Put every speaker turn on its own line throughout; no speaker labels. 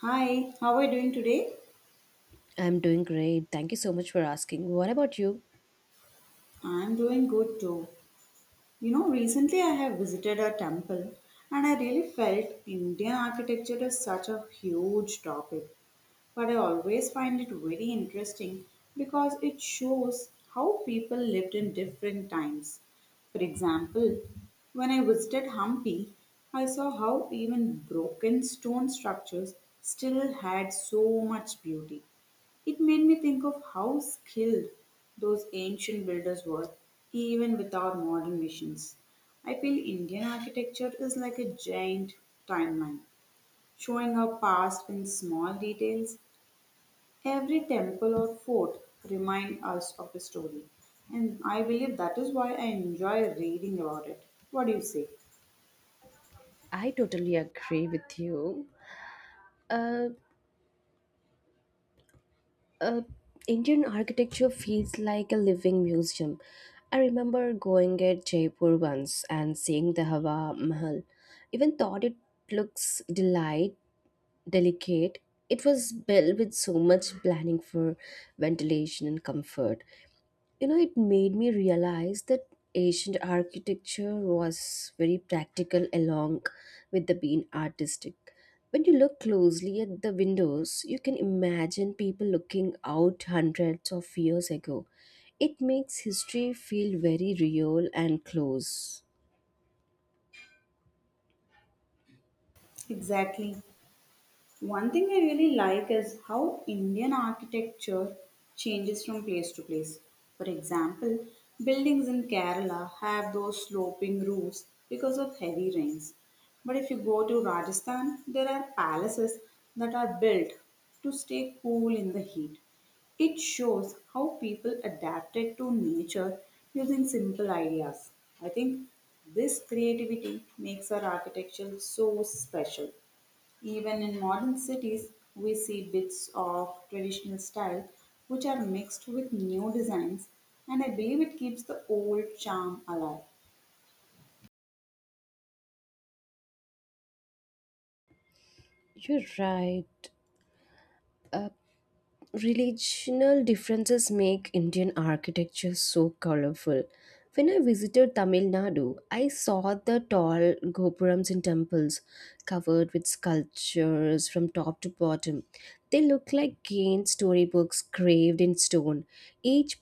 Hi, how are you doing today?
I'm doing great. Thank you so much for asking. What about you?
I'm doing good too. You know, recently I have visited a temple and I really felt Indian architecture is such a huge topic. But I always find it very interesting because it shows how people lived in different times. For example, when I visited Hampi, I saw how even broken stone structures still had so much beauty. It made me think of how skilled those ancient builders were, even without modern machines. I feel Indian architecture is like a giant timeline, showing our past in small details. Every temple or fort remind us of a story, and I believe that is why I enjoy reading about it. What do you say?
I totally agree with you. Uh, uh, Indian architecture feels like a living museum. I remember going at Jaipur once and seeing the Hawa Mahal. Even thought it looks delight delicate. It was built with so much planning for ventilation and comfort. You know, it made me realize that ancient architecture was very practical along with the being artistic. When you look closely at the windows, you can imagine people looking out hundreds of years ago. It makes history feel very real and close.
Exactly. One thing I really like is how Indian architecture changes from place to place. For example, buildings in Kerala have those sloping roofs because of heavy rains. But if you go to Rajasthan, there are palaces that are built to stay cool in the heat. It shows how people adapted to nature using simple ideas. I think this creativity makes our architecture so special. Even in modern cities, we see bits of traditional style which are mixed with new designs, and I believe it keeps the old charm alive.
You're right. Uh, Regional differences make Indian architecture so colorful. When I visited Tamil Nadu, I saw the tall gopurams in temples covered with sculptures from top to bottom. They look like gained storybooks carved in stone. Each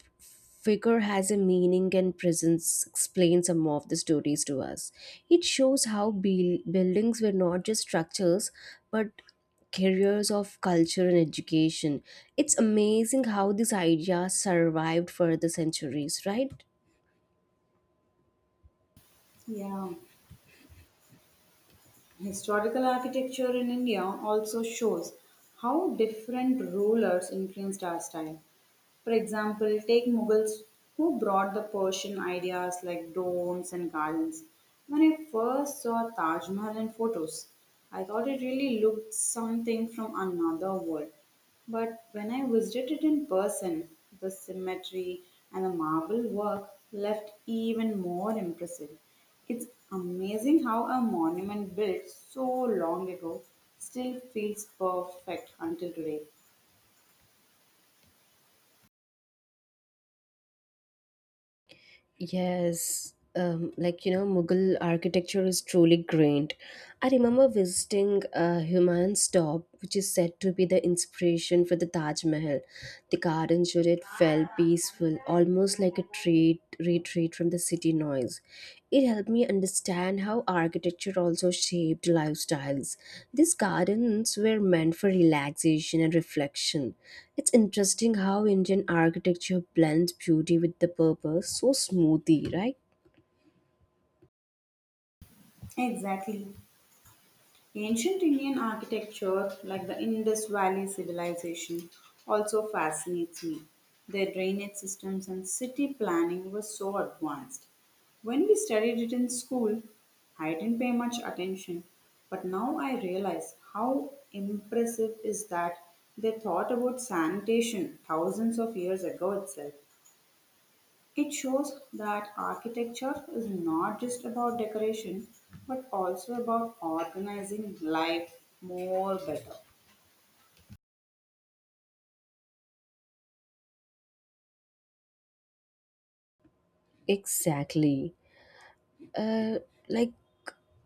figure has a meaning and presence explains some of the stories to us. It shows how buildings were not just structures but carriers of culture and education. It's amazing how these ideas survived for the centuries, right?
Yeah, historical architecture in India also shows how different rulers influenced our style. For example, take Mughals who brought the Persian ideas like domes and gardens. When I first saw Taj Mahal in photos, I thought it really looked something from another world. But when I visited it in person, the symmetry and the marble work left even more impressive. It's amazing how a monument built so long ago still feels perfect until today.
Yes, Mughal architecture is truly grand. I remember visiting Humayun's Tomb, which is said to be the inspiration for the Taj Mahal. The garden showed it felt peaceful, almost like retreat the city noise. It helped me understand how architecture also shaped lifestyles. These gardens were meant for relaxation and reflection. It's interesting how Indian architecture blends beauty with the purpose so smoothly, right?
Exactly. Ancient Indian architecture, like the Indus Valley civilization, also fascinates me. Their drainage systems and city planning were so advanced. When we studied it in school, I didn't pay much attention, but now I realize how impressive is that they thought about sanitation thousands of years ago itself. It shows that architecture is not just about decoration but also about organizing life more better.
Exactly. Uh, like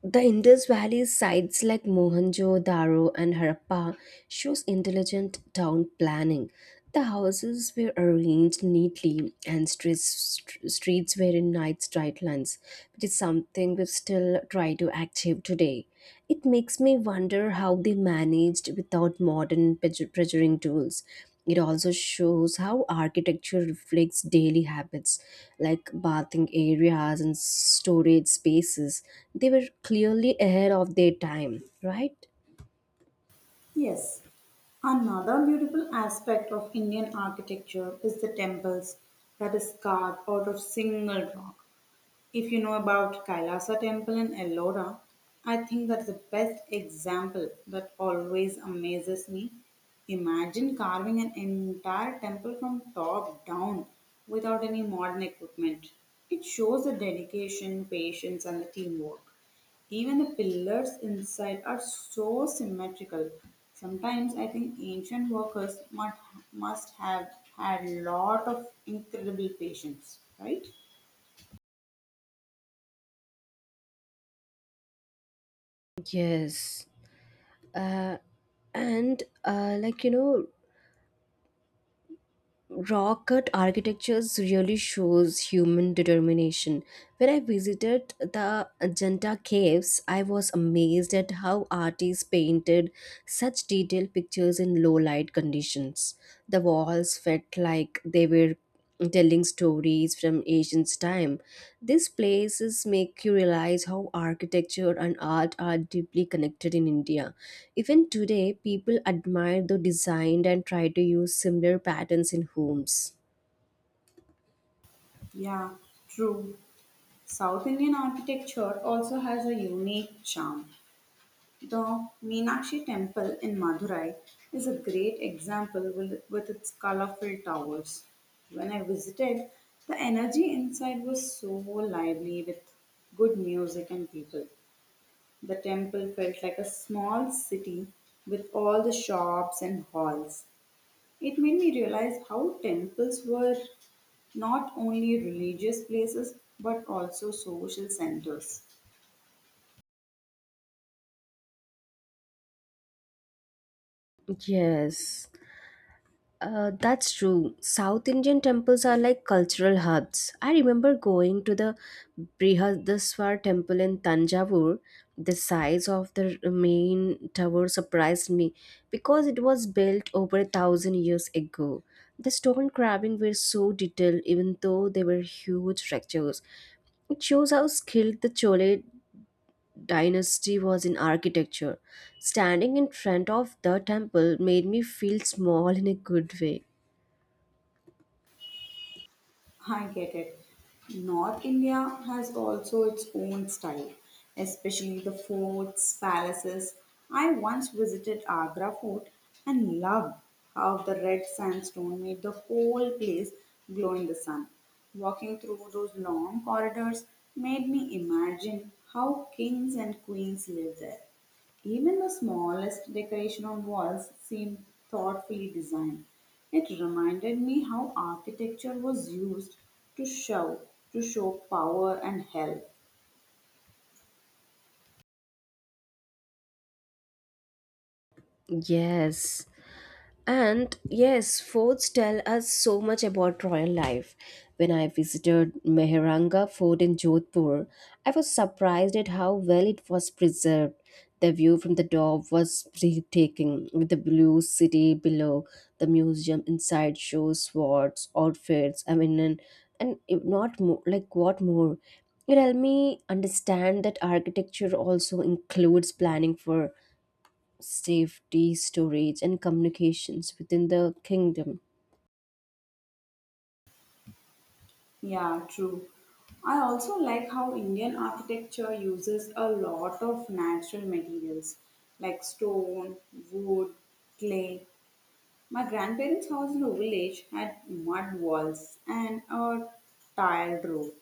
The Indus Valley sites like Mohenjo-Daro and Harappa shows intelligent town planning. The houses were arranged neatly and streets were in nice straight lines, which is something we still try to achieve today. It makes me wonder how they managed without modern measuring tools. It also shows how architecture reflects daily habits, like bathing areas and storage spaces. They were clearly ahead of their time, right?
Yes, another beautiful aspect of Indian architecture is the temples that is carved out of single rock. If you know about Kailasa Temple in Ellora, I think that's the best example that always amazes me. Imagine carving an entire temple from top down without any modern equipment. It shows the dedication, patience, and the teamwork. Even the pillars inside are so symmetrical. Sometimes I think ancient workers must have had lot of incredible patience, right?
Yes. Uh, and like you know, raw cut architectures really shows human determination. When I visited the Ajanta caves, I was amazed at how artists painted such detailed pictures in low light conditions. The walls felt like they were telling stories from ancient time. These places make you realize how architecture and art are deeply connected in India. Even today, people admire the design and try to use similar patterns in homes.
Yeah, true. South Indian architecture also has a unique charm. The Meenakshi Temple in Madurai is a great example with its colorful towers. When I visited, the energy inside was so lively with good music and people. The temple felt like a small city with all the shops and halls. It made me realize how temples were not only religious places but also social centers.
Yes. That's true. South Indian temples are like cultural hubs. I remember going to the Brihadaswar temple in Tanjavur. The size of the main tower surprised me because it was built over a thousand years ago. The stone carvings were so detailed, even though they were huge structures. It shows how skilled the Chola dynasty was in architecture. Standing in front of the temple made me feel small in a good way.
I get it. North India has also its own style, especially the forts, palaces. I once visited Agra fort and loved how the red sandstone made the whole place glow in the sun. Walking through those long corridors made me imagine how kings and queens lived there. Even the smallest decoration on walls seemed thoughtfully designed. It reminded me how architecture was used to show to show power and help.
Yes. And yes, forts tell us so much about royal life. When I visited Meheranga Fort in Jodhpur, I was surprised at how well it was preserved. The view from the top was breathtaking, with the blue city below. The museum inside shows swords, outfits, I mean, and if not more, like what more? It helped me understand that architecture also includes planning for safety, storage, and communications within the kingdom.
Yeah, true. I also like how Indian architecture uses a lot of natural materials like stone, wood, clay. My grandparents' house in a village had mud walls and a tiled roof.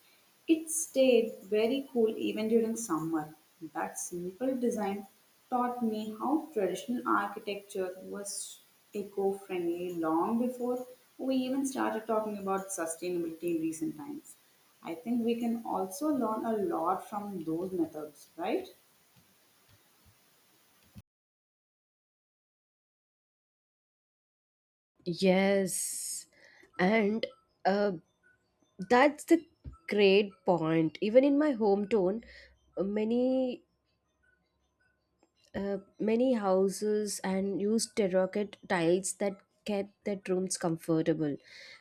It stayed very cool even during summer. That simple design taught me how traditional architecture was eco friendly long before we even started talking about sustainability in recent times. I think we can also learn a lot from those methods, right?
Yes, and uh, that's the great point. Even in my hometown, uh, many many houses and used terracotta tiles that kept their rooms comfortable.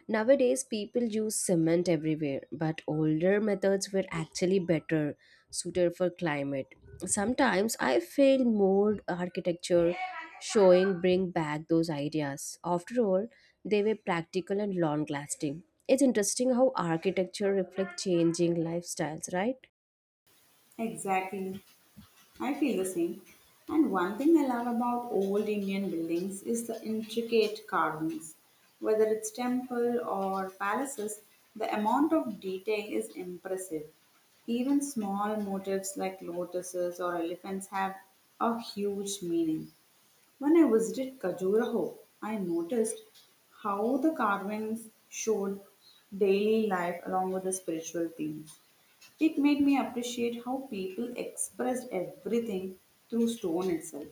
Nowadays, people use cement everywhere, but older methods were actually better suited for climate. Sometimes I feel more architecture showing bring back those ideas. After all, they were practical and long lasting. It's interesting how architecture reflects changing lifestyles, right?
Exactly. I feel the same. And one thing I love about old Indian buildings is the intricate carvings. Whether it's temple or palaces, the amount of detail is impressive. Even small motifs like lotuses or elephants have a huge meaning. When I visited Kajuraho, I noticed how the carvings showed daily life along with the spiritual themes. It made me appreciate how people expressed everything through stone itself.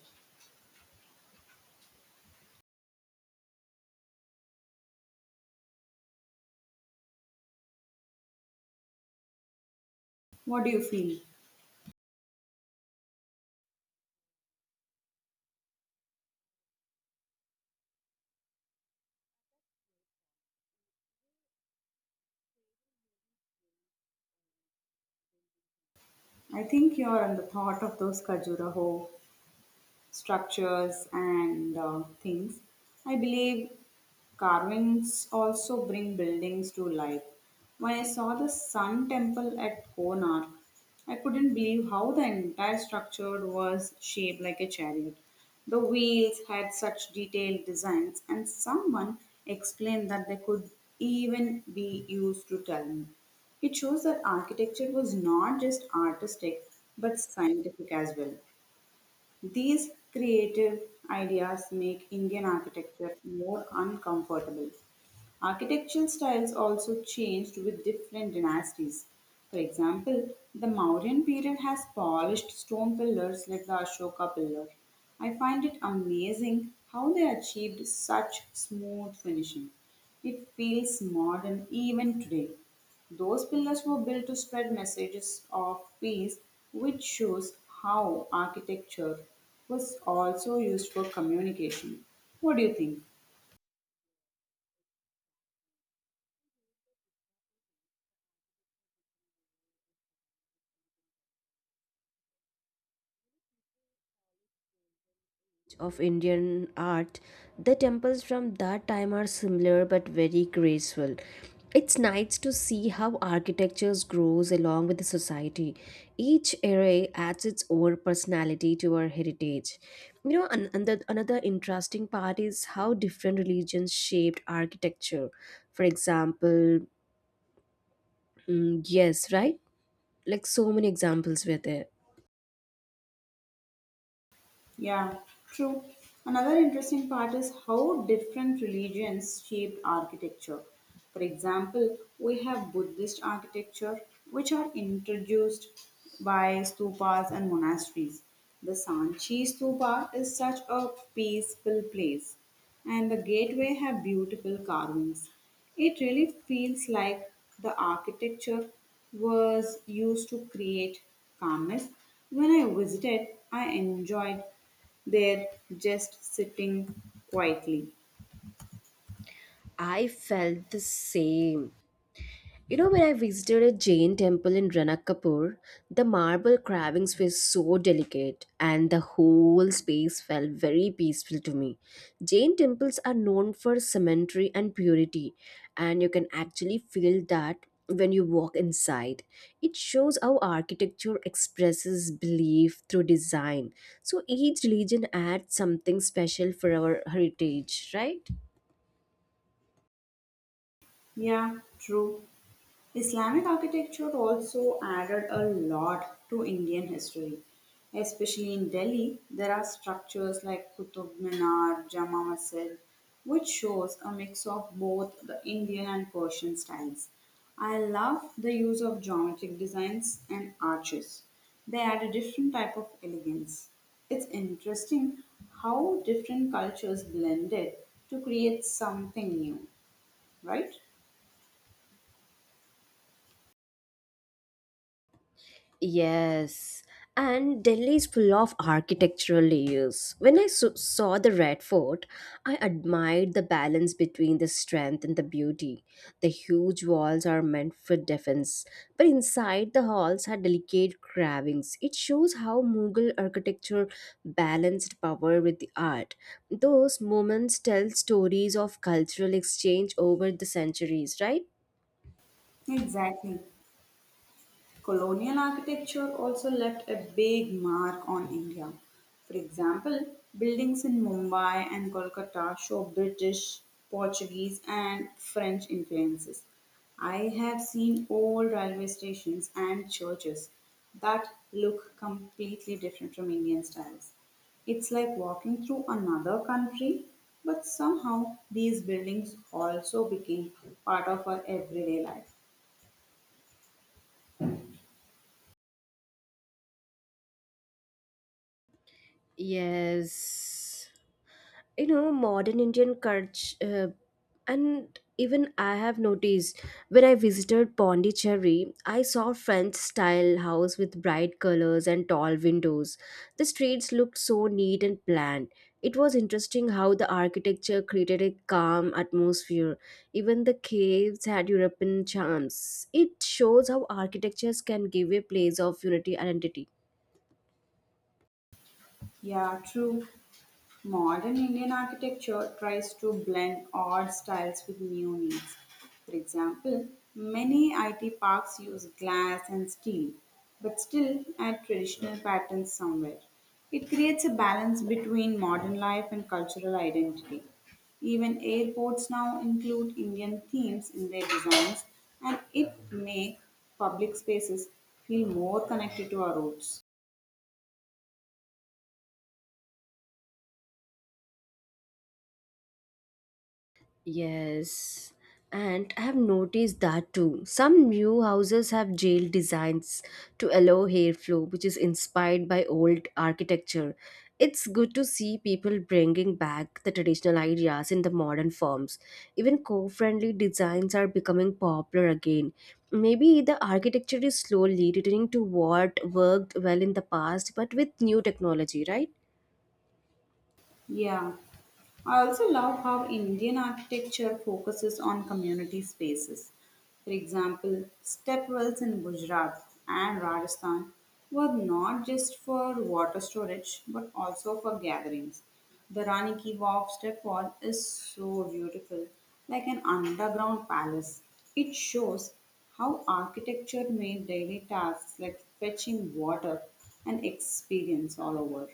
What do you feel? I think you're on the thought of those Khajuraho structures and things. I believe carvings also bring buildings to life. When I saw the Sun Temple at Konark, I couldn't believe how the entire structure was shaped like a chariot. The wheels had such detailed designs, and someone explained that they could even be used to tell me. It shows that architecture was not just artistic but scientific as well. These creative ideas make Indian architecture more uncomfortable. Architectural styles also changed with different dynasties. For example, the Mauryan period has polished stone pillars like the Ashoka pillar. I find it amazing how they achieved such smooth finishing. It feels modern even today. Those pillars were built to spread messages of peace, which shows how architecture was also used for communication. What do you think?
Of Indian art, the temples from that time are similar but very graceful. It's nice to see how architecture grows along with the society. Each era adds its own personality to our heritage. You know, another interesting part is how different religions shaped architecture. For example, yes, right? Like so many examples were there.
Yeah, true. Another interesting part is how different religions shaped architecture. For example, we have Buddhist architecture, which are introduced by stupas and monasteries. The Sanchi stupa is such a peaceful place, and the gateway have beautiful carvings. It really feels like the architecture was used to create calmness. When I visited, I enjoyed there just sitting quietly.
I felt the same. You know, when I visited a Jain temple in Ranakapur, the marble carvings were so delicate and the whole space felt very peaceful to me. Jain temples are known for cemetery and purity, and you can actually feel that when you walk inside. It shows how architecture expresses belief through design. So each religion adds something special for our heritage, right?
Yeah, true. Islamic architecture also added a lot to Indian history. Especially in Delhi, there are structures like Qutub Minar, Jama Masjid, which shows a mix of both the Indian and Persian styles. I love the use of geometric designs and arches. They add a different type of elegance. It's interesting how different cultures blended to create something new, right?
Yes, and Delhi is full of architectural layers. When I saw the Red Fort, I admired the balance between the strength and the beauty. The huge walls are meant for defense, but inside the halls are delicate carvings. It shows how Mughal architecture balanced power with the art. Those moments tell stories of cultural exchange over the centuries, right?
Exactly. Colonial architecture also left a big mark on India. For example, buildings in Mumbai and Kolkata show British, Portuguese, and French influences. I have seen old railway stations and churches that look completely different from Indian styles. It's like walking through another country, but somehow these buildings also became part of our everyday life.
Yes. You know modern indian culture and even I have noticed when I visited pondicherry. I saw french style house with bright colors and tall windows. The streets looked so neat and planned. It was interesting how the architecture created a calm atmosphere. Even the caves had european charms. It shows how architectures can give a place of unity identity.
Yeah, true. Modern Indian architecture tries to blend old styles with new needs. For example, many IT parks use glass and steel, but still add traditional patterns somewhere. It creates a balance between modern life and cultural identity. Even airports now include Indian themes in their designs, and it make public spaces feel more connected to our roots.
Yes, and I have noticed that too. Some new houses have jail designs to allow airflow, which is inspired by old architecture. It's good to see people bringing back the traditional ideas in the modern forms. Even co friendly designs are becoming popular again. Maybe the architecture is slowly returning to what worked well in the past, but with new technology, right?
Yeah. I also love how Indian architecture focuses on community spaces. For example, stepwells in Gujarat and Rajasthan were not just for water storage but also for gatherings. The Rani Ki Vav stepwell is so beautiful, like an underground palace. It shows how architecture made daily tasks like fetching water an experience all over.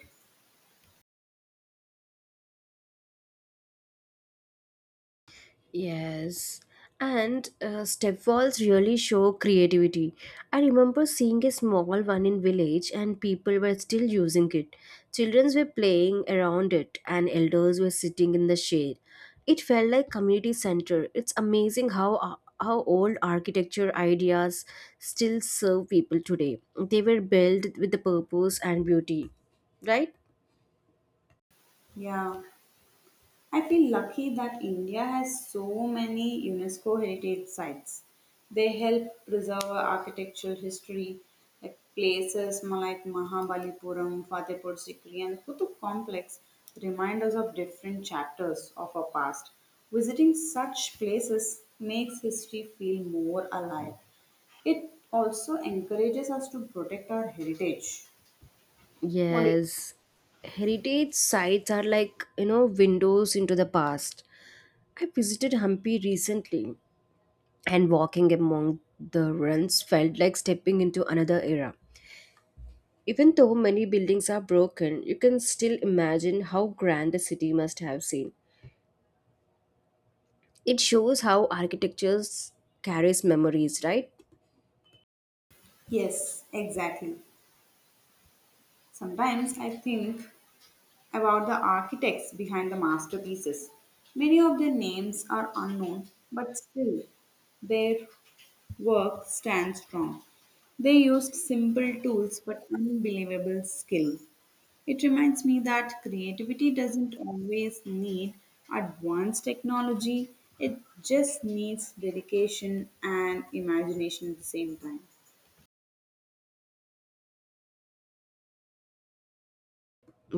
Yes, and step walls really show creativity. I remember seeing a small one in village, and people were still using it. Children were playing around it, and elders were sitting in the shade. It felt like community center. It's amazing how old architecture ideas still serve people today. They were built with the purpose and beauty, right?
Yeah, I feel lucky that India has so many UNESCO heritage sites. They help preserve our architectural history, like places like Mahabalipuram, Fatehpur Sikri, and Kutub Complex remind us of different chapters of our past. Visiting such places makes history feel more alive. It also encourages us to protect our heritage. What do
Yes, heritage sites are like, you know, windows into the past. I visited Hampi recently, and walking among the ruins felt like stepping into another era. Even though many buildings are broken, you can still imagine how grand the city must have seemed. It shows how architecture carries memories, right?
yes, exactly. Sometimes I think about the architects behind the masterpieces. Many of their names are unknown, but still their work stands strong. They used simple tools but unbelievable skill. It reminds me that creativity doesn't always need advanced technology, it just needs dedication and imagination at the same time.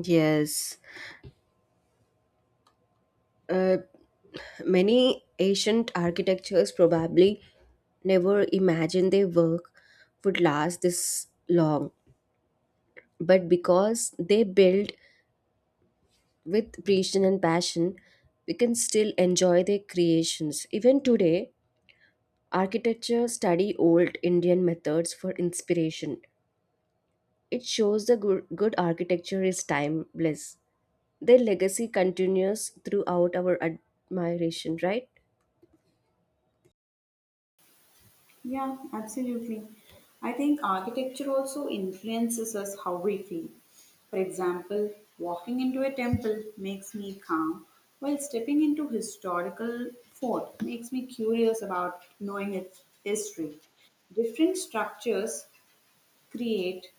Yes. Uh, Many ancient architectures probably never imagined their work would last this long, but because they built with precision and passion, we can still enjoy their creations. Even today, architecture study old Indian methods for inspiration. It shows the good architecture is timeless. Their legacy continues throughout our admiration, right?
Yeah, absolutely. I think architecture also influences us how we feel. For example, walking into a temple makes me calm, while stepping into historical fort makes me curious about knowing its history. Different structures create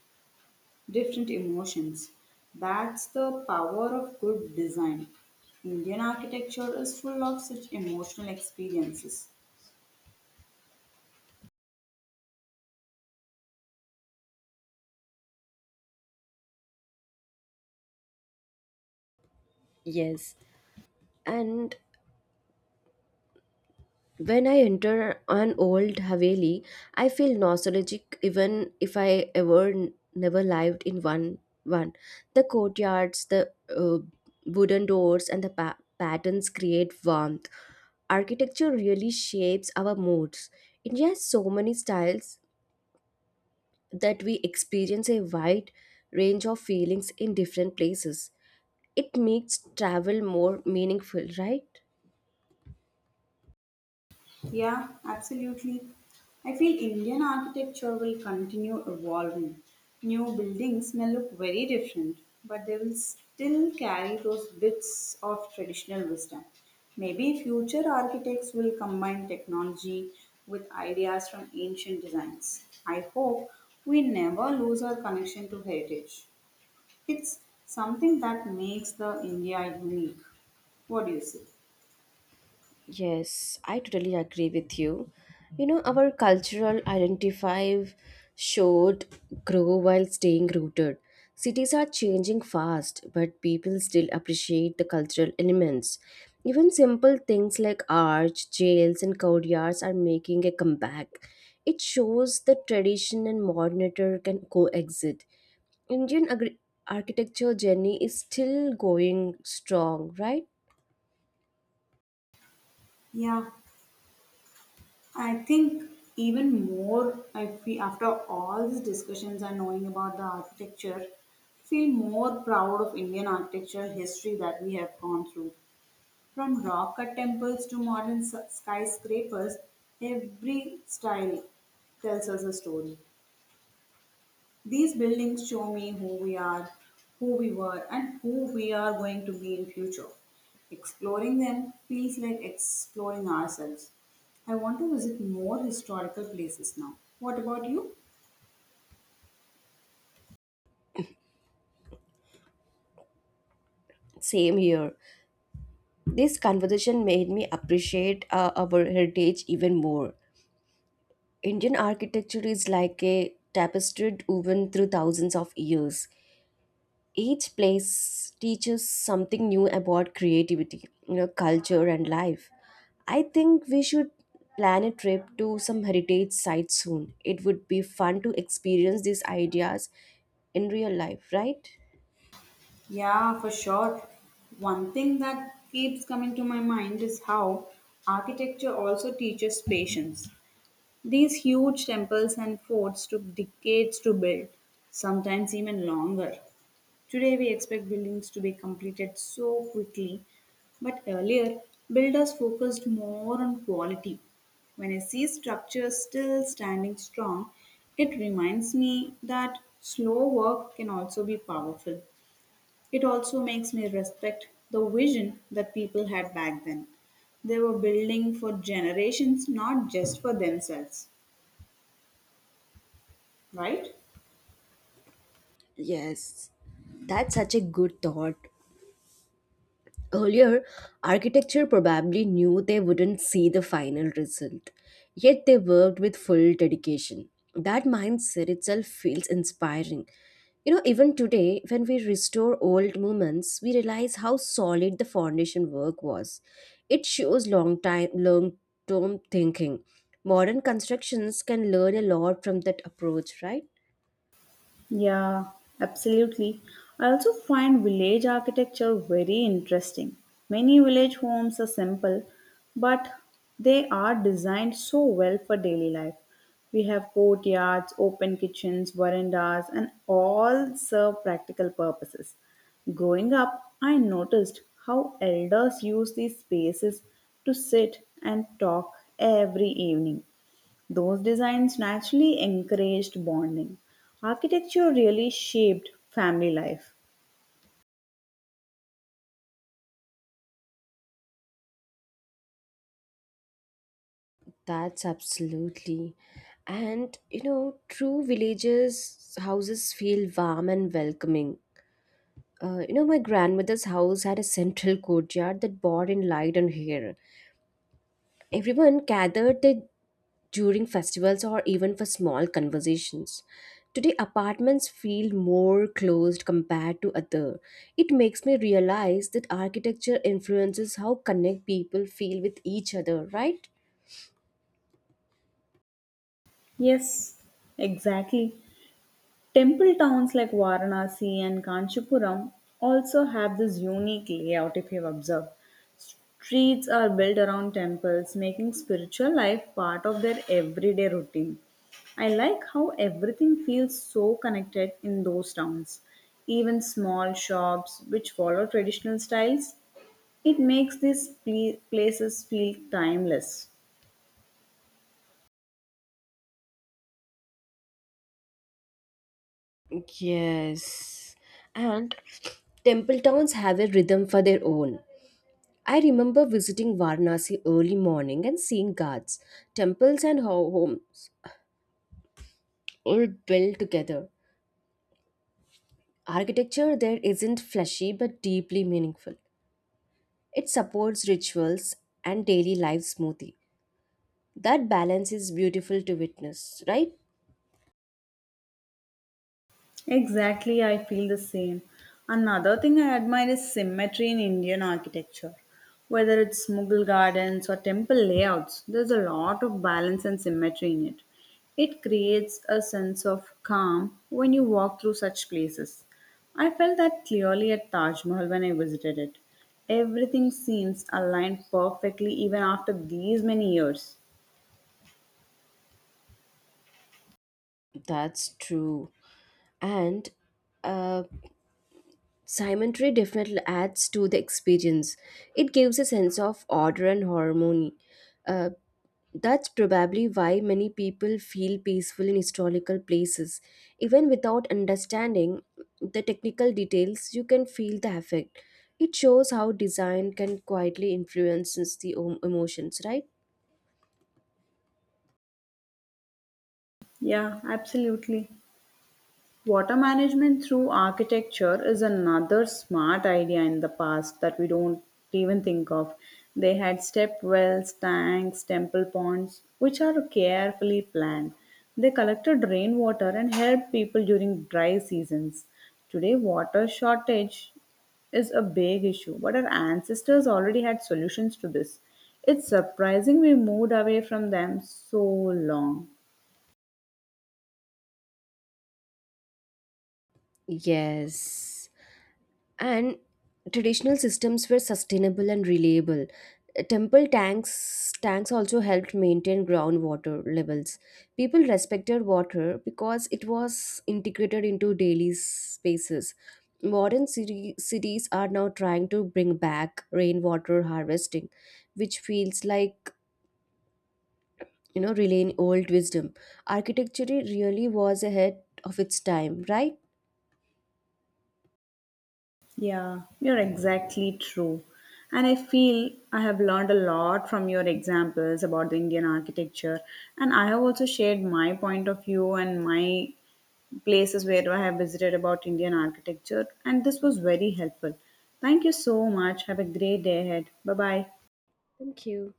different emotions. That's the power of good design. Indian architecture is full of such emotional experiences.
Yes. And when I enter an old Haveli, I feel nostalgic even if I ever never lived in one. The courtyards, the wooden doors and the patterns create warmth. Architecture really shapes our moods. India has so many styles that we experience a wide range of feelings in different places. It makes travel more meaningful, right?
Yeah, absolutely. I feel Indian architecture will continue evolving. New buildings may look very different, but they will still carry those bits of traditional wisdom. Maybe future architects will combine technology with ideas from ancient designs. I hope we never lose our connection to heritage. It's something that makes the India unique. What do you say?
Yes, I totally agree with you. You know, our cultural identify should grow while staying rooted. Cities are changing fast, but people still appreciate the cultural elements. Even simple things like arch, jails, and courtyards are making a comeback. It shows that tradition and modernity can coexist. Indian agri- architecture journey is still going strong, right?
Yeah, I think even more, I feel after all these discussions and knowing about the architecture, feel more proud of Indian architecture history that we have gone through. From rock cut temples to modern skyscrapers, every style tells us a story. These buildings show me who we are, who we were, and who we are going to be in future. Exploring them feels like exploring ourselves. I want to visit more historical places now. What about you?
Same here. This conversation made me appreciate our heritage even more. Indian architecture is like a tapestry woven through thousands of years. Each place teaches something new about creativity, you know, culture and life. I think we should plan a trip to some heritage sites soon. It would be fun to experience these ideas in real life, right?
Yeah, for sure. One thing that keeps coming to my mind is how architecture also teaches patience. These huge temples and forts took decades to build, sometimes even longer. Today, we expect buildings to be completed so quickly, but earlier, builders focused more on quality. When I see structures still standing strong, it reminds me that slow work can also be powerful. It also makes me respect the vision that people had back then. They were building for generations, not just for themselves, right?
Yes, that's such a good thought. Earlier, architecture probably knew they wouldn't see the final result, yet they worked with full dedication. That mindset itself feels inspiring. You know, even today, when we restore old monuments, we realize how solid the foundation work was. It shows long term thinking. Modern constructions can learn a lot from that approach, right?
Yeah, absolutely. I also find village architecture very interesting. Many village homes are simple, but they are designed so well for daily life. We have courtyards, open kitchens, verandas, and all serve practical purposes. Growing up, I noticed how elders use these spaces to sit and talk every evening. Those designs naturally encouraged bonding. Architecture really shaped family life.
That's absolutely. And you know, true villagers' houses feel warm and welcoming. You know, my grandmother's house had a central courtyard that bore in light and air. Everyone gathered there during festivals or even for small conversations. Today, apartments feel more closed compared to other. It makes me realize that architecture influences how connect people feel with each other, right?
Yes, exactly. Temple towns like Varanasi and Kanchipuram also have this unique layout if you've observed. Streets are built around temples, making spiritual life part of their everyday routine. I like how everything feels so connected in those towns. Even small shops which follow traditional styles it makes these places feel timeless.
Yes. And temple towns have a rhythm for their own. I remember visiting Varanasi early morning and seeing guards, temples, and homes all built together. Architecture there isn't flashy but deeply meaningful. It supports rituals and daily life smoothly. That balance is beautiful to witness, right?
Exactly, I feel the same. Another thing I admire is symmetry in Indian architecture. Whether it's Mughal gardens or temple layouts, there's a lot of balance and symmetry in it. It creates a sense of calm when you walk through such places. I felt that clearly at Taj Mahal when I visited it. Everything seems aligned perfectly even after these many years.
That's true. And uh, Symmetry definitely adds to the experience. It gives a sense of order and harmony. Uh, That's probably why many people feel peaceful in historical places. Even without understanding the technical details, you can feel the effect. It shows how design can quietly influence the emotions, right?
Yeah, absolutely. Water management through architecture is another smart idea in the past that we don't even think of. They had step wells, tanks, temple ponds, which are carefully planned. They collected rainwater and helped people during dry seasons. Today, water shortage is a big issue, but our ancestors already had solutions to this. It's surprising we moved away from them so long.
Yes, and traditional systems were sustainable and reliable. Temple tanks also helped maintain groundwater levels. People respected water because it was integrated into daily spaces. Cities are now trying to bring back rainwater harvesting, which feels like, you know, relaying old wisdom. Architecture really was ahead of its time, right?
Yeah, you're exactly true. And I feel I have learned a lot from your examples about the Indian architecture. And I have also shared my point of view and my places where I have visited about Indian architecture. And this was very helpful. Thank you so much. Have a great day ahead. Bye bye.
Thank you.